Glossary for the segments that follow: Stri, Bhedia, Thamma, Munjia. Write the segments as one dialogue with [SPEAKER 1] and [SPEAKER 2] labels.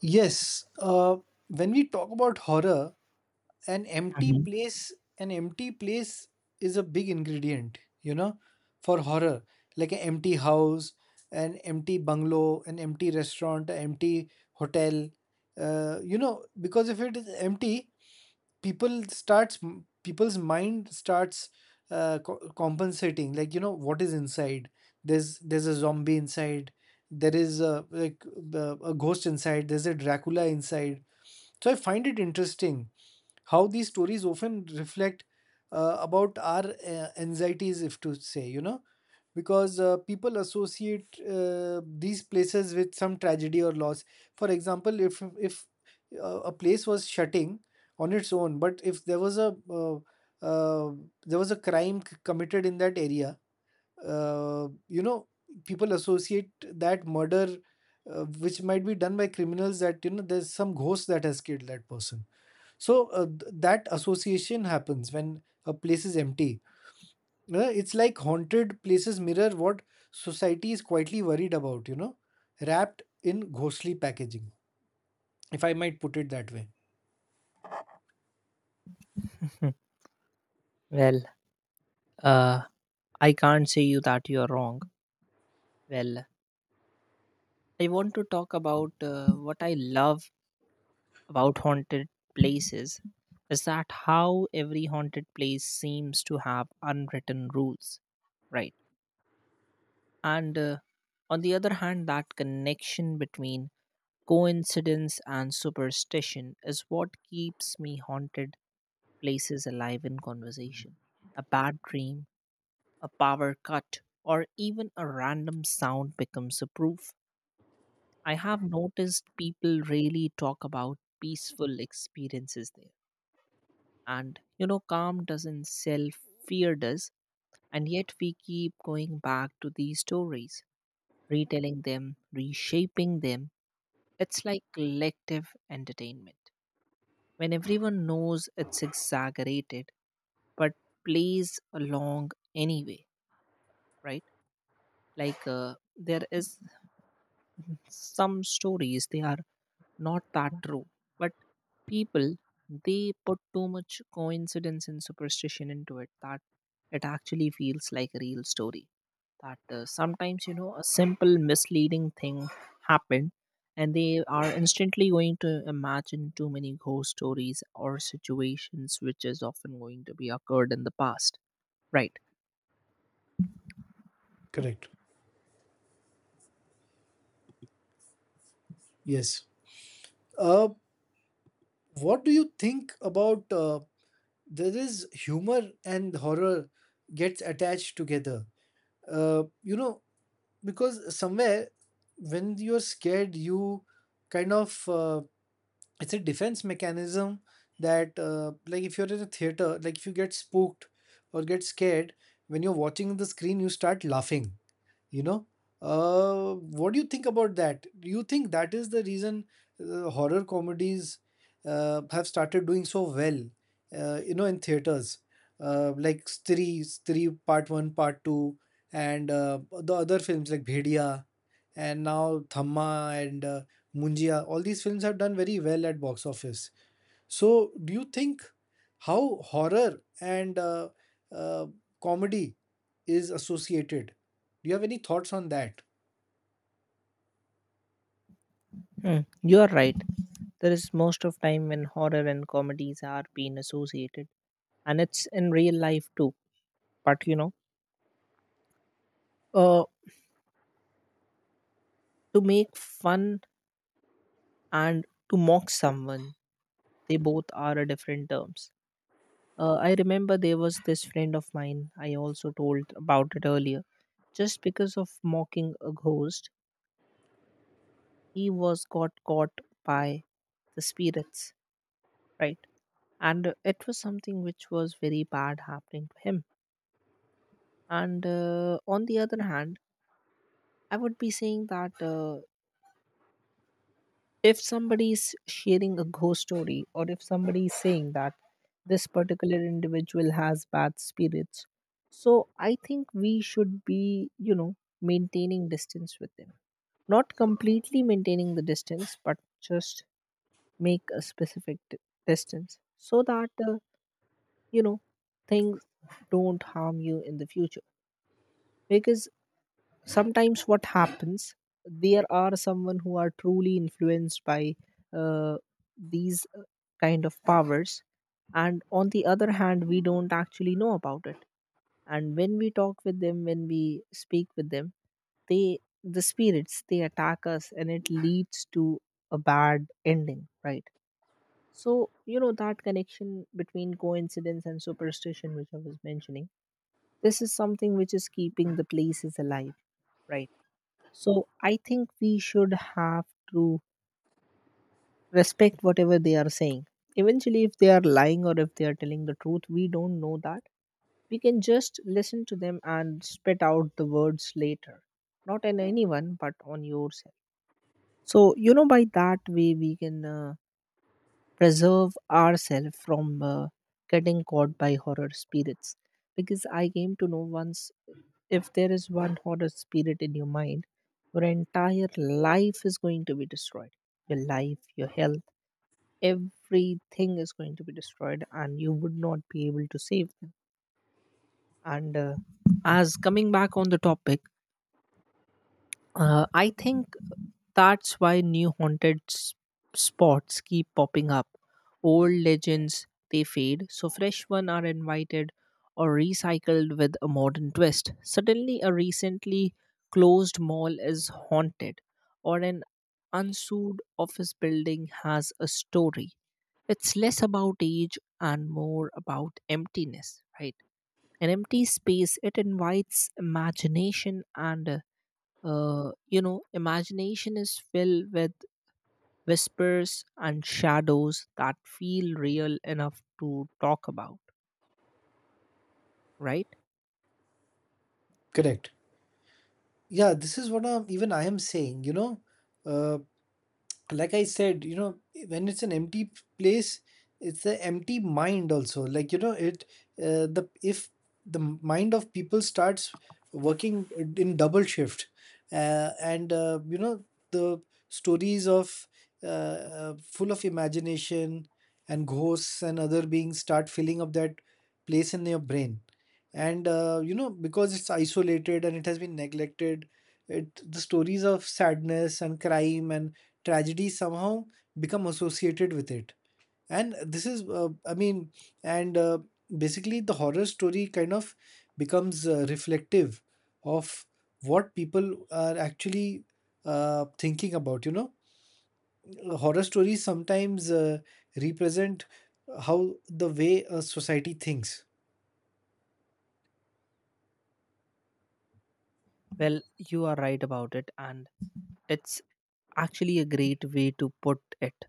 [SPEAKER 1] Yes, uh, when we talk about horror, an empty
[SPEAKER 2] Mhm.
[SPEAKER 1] place, an empty place is a big ingredient, you know, for horror. Like an empty house, an empty bungalow, an empty restaurant, an empty hotel. You know, because if it is empty, people starts people's mind starts compensating like you know what is inside there's a zombie inside there is a like a ghost inside, there's a dracula inside. So I find it interesting how these stories often reflect about our anxieties, if to say, you know, because people associate these places with some tragedy or loss. For example, if a place was shutting on its own, but if there was a uh, there was a crime committed in that area, you know, people associate that murder, which might be done by criminals, that you know there's some ghost that has killed that person. So that association happens when a place is empty. You know, it's like haunted places mirror what society is quietly worried about, you know, wrapped in ghostly packaging, if I might put it that way.
[SPEAKER 2] well, uh, I can't say you that you are wrong. Well, I want to talk about what I love about haunted places is that how every haunted place seems to have unwritten rules, right? And on the other hand, that connection between coincidence and superstition is what keeps me haunted places alive in conversation. A bad dream a power cut, or even a random sound becomes a proof. I have noticed people really talk about peaceful experiences there. And you know, calm doesn't sell, fear does. And yet we keep going back to these stories, retelling them, reshaping them. It's like collective entertainment. When everyone knows it's exaggerated, but plays along anyway, right? There is some stories they are not that true but people they put too much coincidence and superstition into it that it actually feels like a real story that sometimes you know a simple misleading thing happened, and they are instantly going to imagine too many ghost stories or situations which is often going to be occurred in the past, right?
[SPEAKER 1] Correct. Yes. Uh, what do you think about, there is humor and horror gets attached together? You know, because somewhere when you're scared, you kind of, it's a defense mechanism that, like if you're in a theater, like if you get spooked or get scared when you're watching the screen, you start laughing, you know. What do you think about that? Do you think that is the reason horror comedies have started doing so well, you know, in theaters, like *Stri*, *Stri* part 1 part 2, and the other films like Bhedia, and now Thamma and Munjia, all these films have done very well at box office. So, do you think how horror and uh, comedy is associated? Do you have any thoughts on that?
[SPEAKER 2] Hmm, you are right, there is most of time when horror and comedies are being associated and it's in real life too, but you know, uh, to make fun and to mock someone, they both are a different terms. I remember there was this friend of mine, I also told about it earlier, just because of mocking a ghost he was got caught by the spirits, right? And it was something which was very bad happening to him. And on the other hand, I would be saying that if somebody's sharing a ghost story or if somebody is saying that this particular individual has bad spirits, so I think we should be, you know, maintaining distance with them, not completely maintaining the distance but just make a specific distance so that, you know, things don't harm you in the future. Because sometimes what happens, there are someone who are truly influenced by uh, these kind of powers, and on the other hand we don't actually know about it, and when we talk with them, when we speak with them, they, the spirits, they attack us, and it leads to a bad ending, right? So you know, that connection between coincidence and superstition which I was mentioning, this is something which is keeping the places alive, right? So I think we should have to respect whatever they are saying. Eventually, if they are lying or if they are telling the truth, we don't know that. We can just listen to them and spit out the words later, not on anyone, but on yourself. So, you know, by that way, we can preserve ourselves from getting caught by horror spirits. Because I came to know once, if there is one horror spirit in your mind, your entire life is going to be destroyed. Your life, your health, everything is going to be destroyed, and you would not be able to save them. And as coming back on the topic, I think that's why new haunted spots keep popping up. Old legends they fade, so fresh ones are invited or recycled with a modern twist. Suddenly, a recently closed mall is haunted, or an unsued office building has a story. It's less about age and more about emptiness, right? An empty space it invites imagination and you know, imagination is filled with whispers and shadows that feel real enough to talk about, right?
[SPEAKER 1] Correct. Yeah, this is what even I am saying. You know, uh, like I said, you know, when it's an empty place, it's an empty mind also, like you know it, the if the mind of people starts working in double shift, and you know, the stories of uh, full of imagination and ghosts and other beings start filling up that place in your brain. And you know, because it's isolated and it has been neglected, it the stories of sadness and crime and tragedy somehow become associated with it. And this is, I mean, and basically the horror story kind of becomes reflective of what people are actually thinking about, you know. Horror stories sometimes represent how the way a society thinks.
[SPEAKER 2] Well, you are right about it, and it's actually a great way to put it.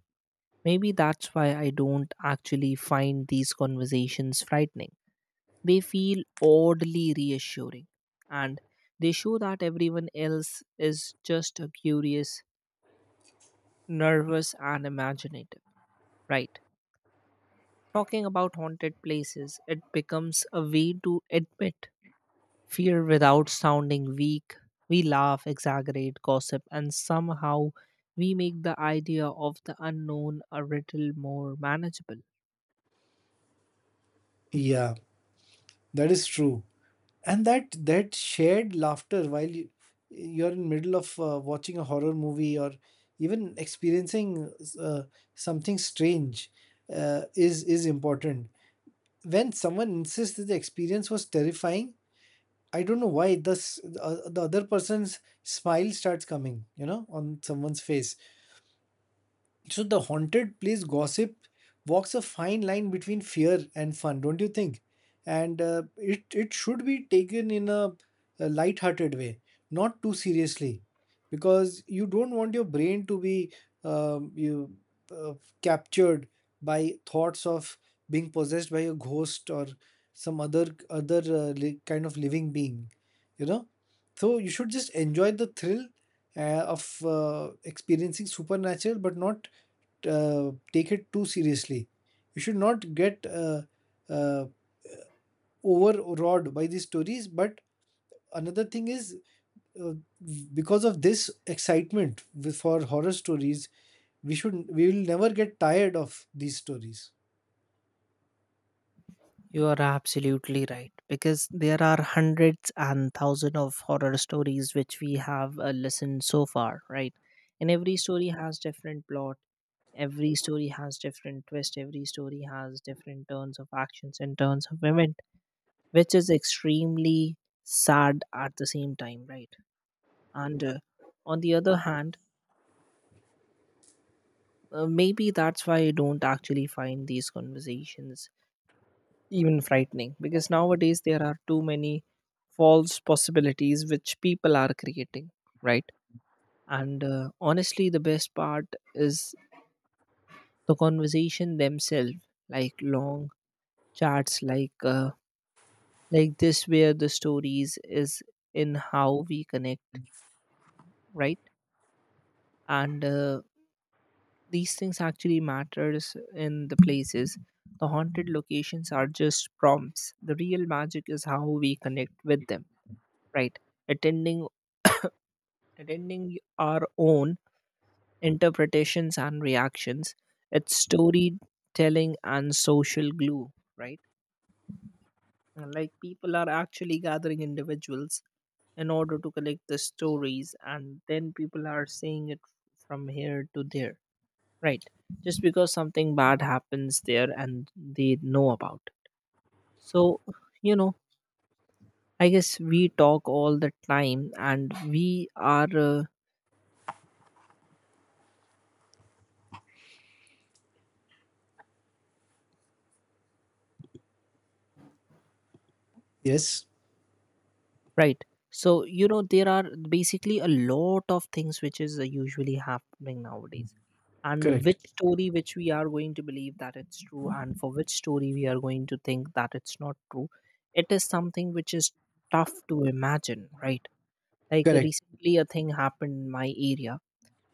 [SPEAKER 2] Maybe that's why I don't actually find these conversations frightening. They feel oddly reassuring, and they show that everyone else is just a curious, nervous, and imaginative, right? Talking about haunted places, it becomes a way to admit fear without sounding weak. We laugh, exaggerate, gossip, and somehow we make the idea of the unknown a little more manageable.
[SPEAKER 1] Yeah, that is true. And that shared laughter while you're in middle of watching a horror movie or even experiencing uh, something strange is important. When someone insists that the experience was terrifying, I don't know why the other person's smile starts coming, you know, on someone's face. So the haunted place gossip walks a fine line between fear and fun, don't you think? And it should be taken in a light-hearted way, not too seriously, because you don't want your brain to be you uh, captured by thoughts of being possessed by a ghost or some other kind of living being, you know. So you should just enjoy the thrill of experiencing supernatural, but not take it too seriously. You should not get uh, overawed by these stories. But another thing is, uh, because of this excitement for horror stories, we should we will never get tired of these stories.
[SPEAKER 2] You are absolutely right because there are hundreds and thousands of horror stories which we have listened so far, right? And every story has different plot, every story has different twist, every story has different turns of actions and turns of events which is extremely sad at the same time, right? And on the other hand, maybe that's why I don't actually find these conversations even frightening because nowadays there are too many false possibilities which people are creating, right? And honestly, the best part is the conversation themselves, like long chats, like this, where the stories is in how we connect, right? And these things actually matters in the places, the haunted locations are just prompts, the real magic is how we connect with them, right? Attending attending our own interpretations and reactions, it's storytelling and social glue, right? And like people are actually gathering individuals in order to collect the stories, and then people are saying it from here to there, right? Just because something bad happens there and they know about. So you know, I guess we talk all the time and we are
[SPEAKER 1] Yes,
[SPEAKER 2] right. So you know, there are basically a lot of things which is usually happening nowadays, and
[SPEAKER 1] correct,
[SPEAKER 2] which story which we are going to believe that it's true, and for which story we are going to think that it's not true, it is something which is tough to imagine, right? Like
[SPEAKER 1] correct,
[SPEAKER 2] recently a thing happened in my area,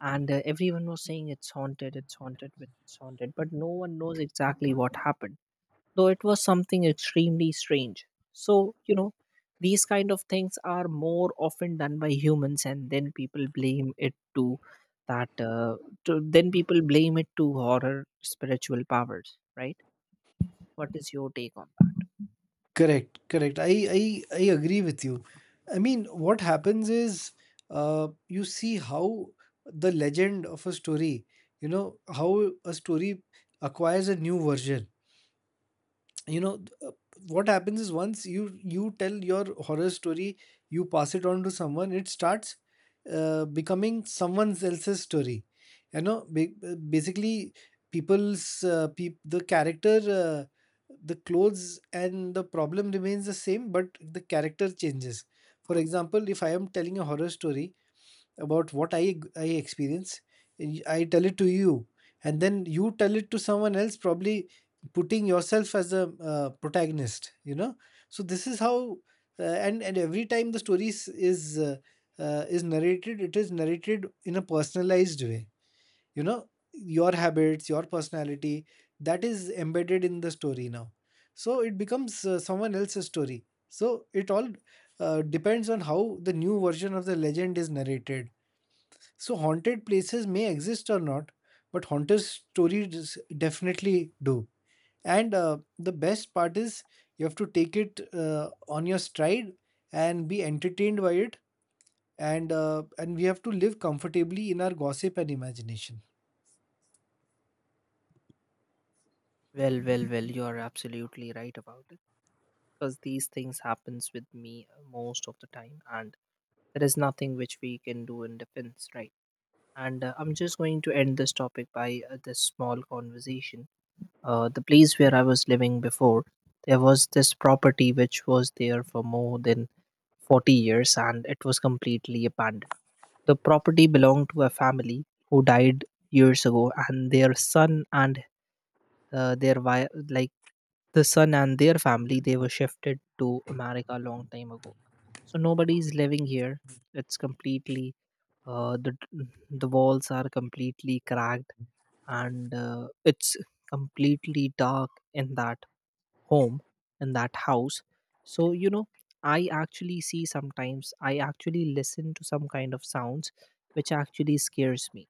[SPEAKER 2] and everyone was saying it's haunted, it's haunted, it's haunted, but no one knows exactly what happened, though it was something extremely strange. So you know, these kind of things are more often done by humans, and then people blame it to that, then people blame it to horror spiritual powers, right? What is your take on
[SPEAKER 1] correct. I agree with you. I mean, what happens is, you see how the legend of a story, you know, how a story acquires a new version, you know. What happens is, once you tell your horror story, you pass it on to someone, it starts becoming someone else's story, you know. Basically, the character, the clothes and the problem remains the same, but the character changes. For example, if I am telling a horror story about what I experience, I tell it to you, and then you tell it to someone else, probably putting yourself as a protagonist. You know, so this is how, uh, and every time the story is narrated, it is narrated in a personalized way. You know, your habits, your personality, that is embedded in the story now. So it becomes someone else's story. So it all depends on how the new version of the legend is narrated. So haunted places may exist or not, but haunted stories definitely do. And the best part is, you have to take it on your stride and be entertained by it. And we have to live comfortably in our gossip and imagination.
[SPEAKER 2] that? Well, well, well, you are absolutely right about it, because these things happens with me most of the time, and there is nothing which we can do in defense, right? And I'm just going to end this topic by this small conversation. The place where I was living before, there was this property which was there for more than 40 years and it was completely abandoned. The property belonged to a family who died years ago, and their son and their wife, like the son and their family, they were shifted to America a long time ago, so nobody's living here. It's completely uh, the the walls are completely cracked, and it's completely dark in that home, in that house. So you know, I actually see, sometimes I actually listen to some kind of sounds which actually scares me,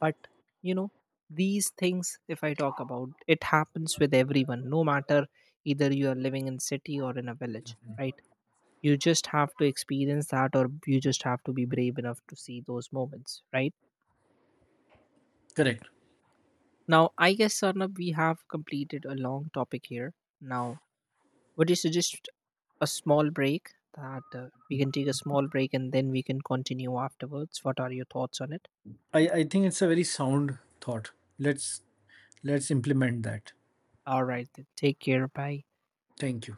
[SPEAKER 2] but you know, these things, if I talk about it, happens with everyone, no matter either you are living in city or in a village, right? You just have to experience that, or you just have to be brave enough to see those moments, right?
[SPEAKER 1] Correct.
[SPEAKER 2] Now, I guess, Sarnab, we have completed a long topic here. Now, would you suggest a small break, that we can take a small break and then we can continue afterwards? What are your thoughts on it?
[SPEAKER 1] I think it's a very sound thought. Let's let's implement that.
[SPEAKER 2] All right, then. Take care. Bye.
[SPEAKER 1] Thank you.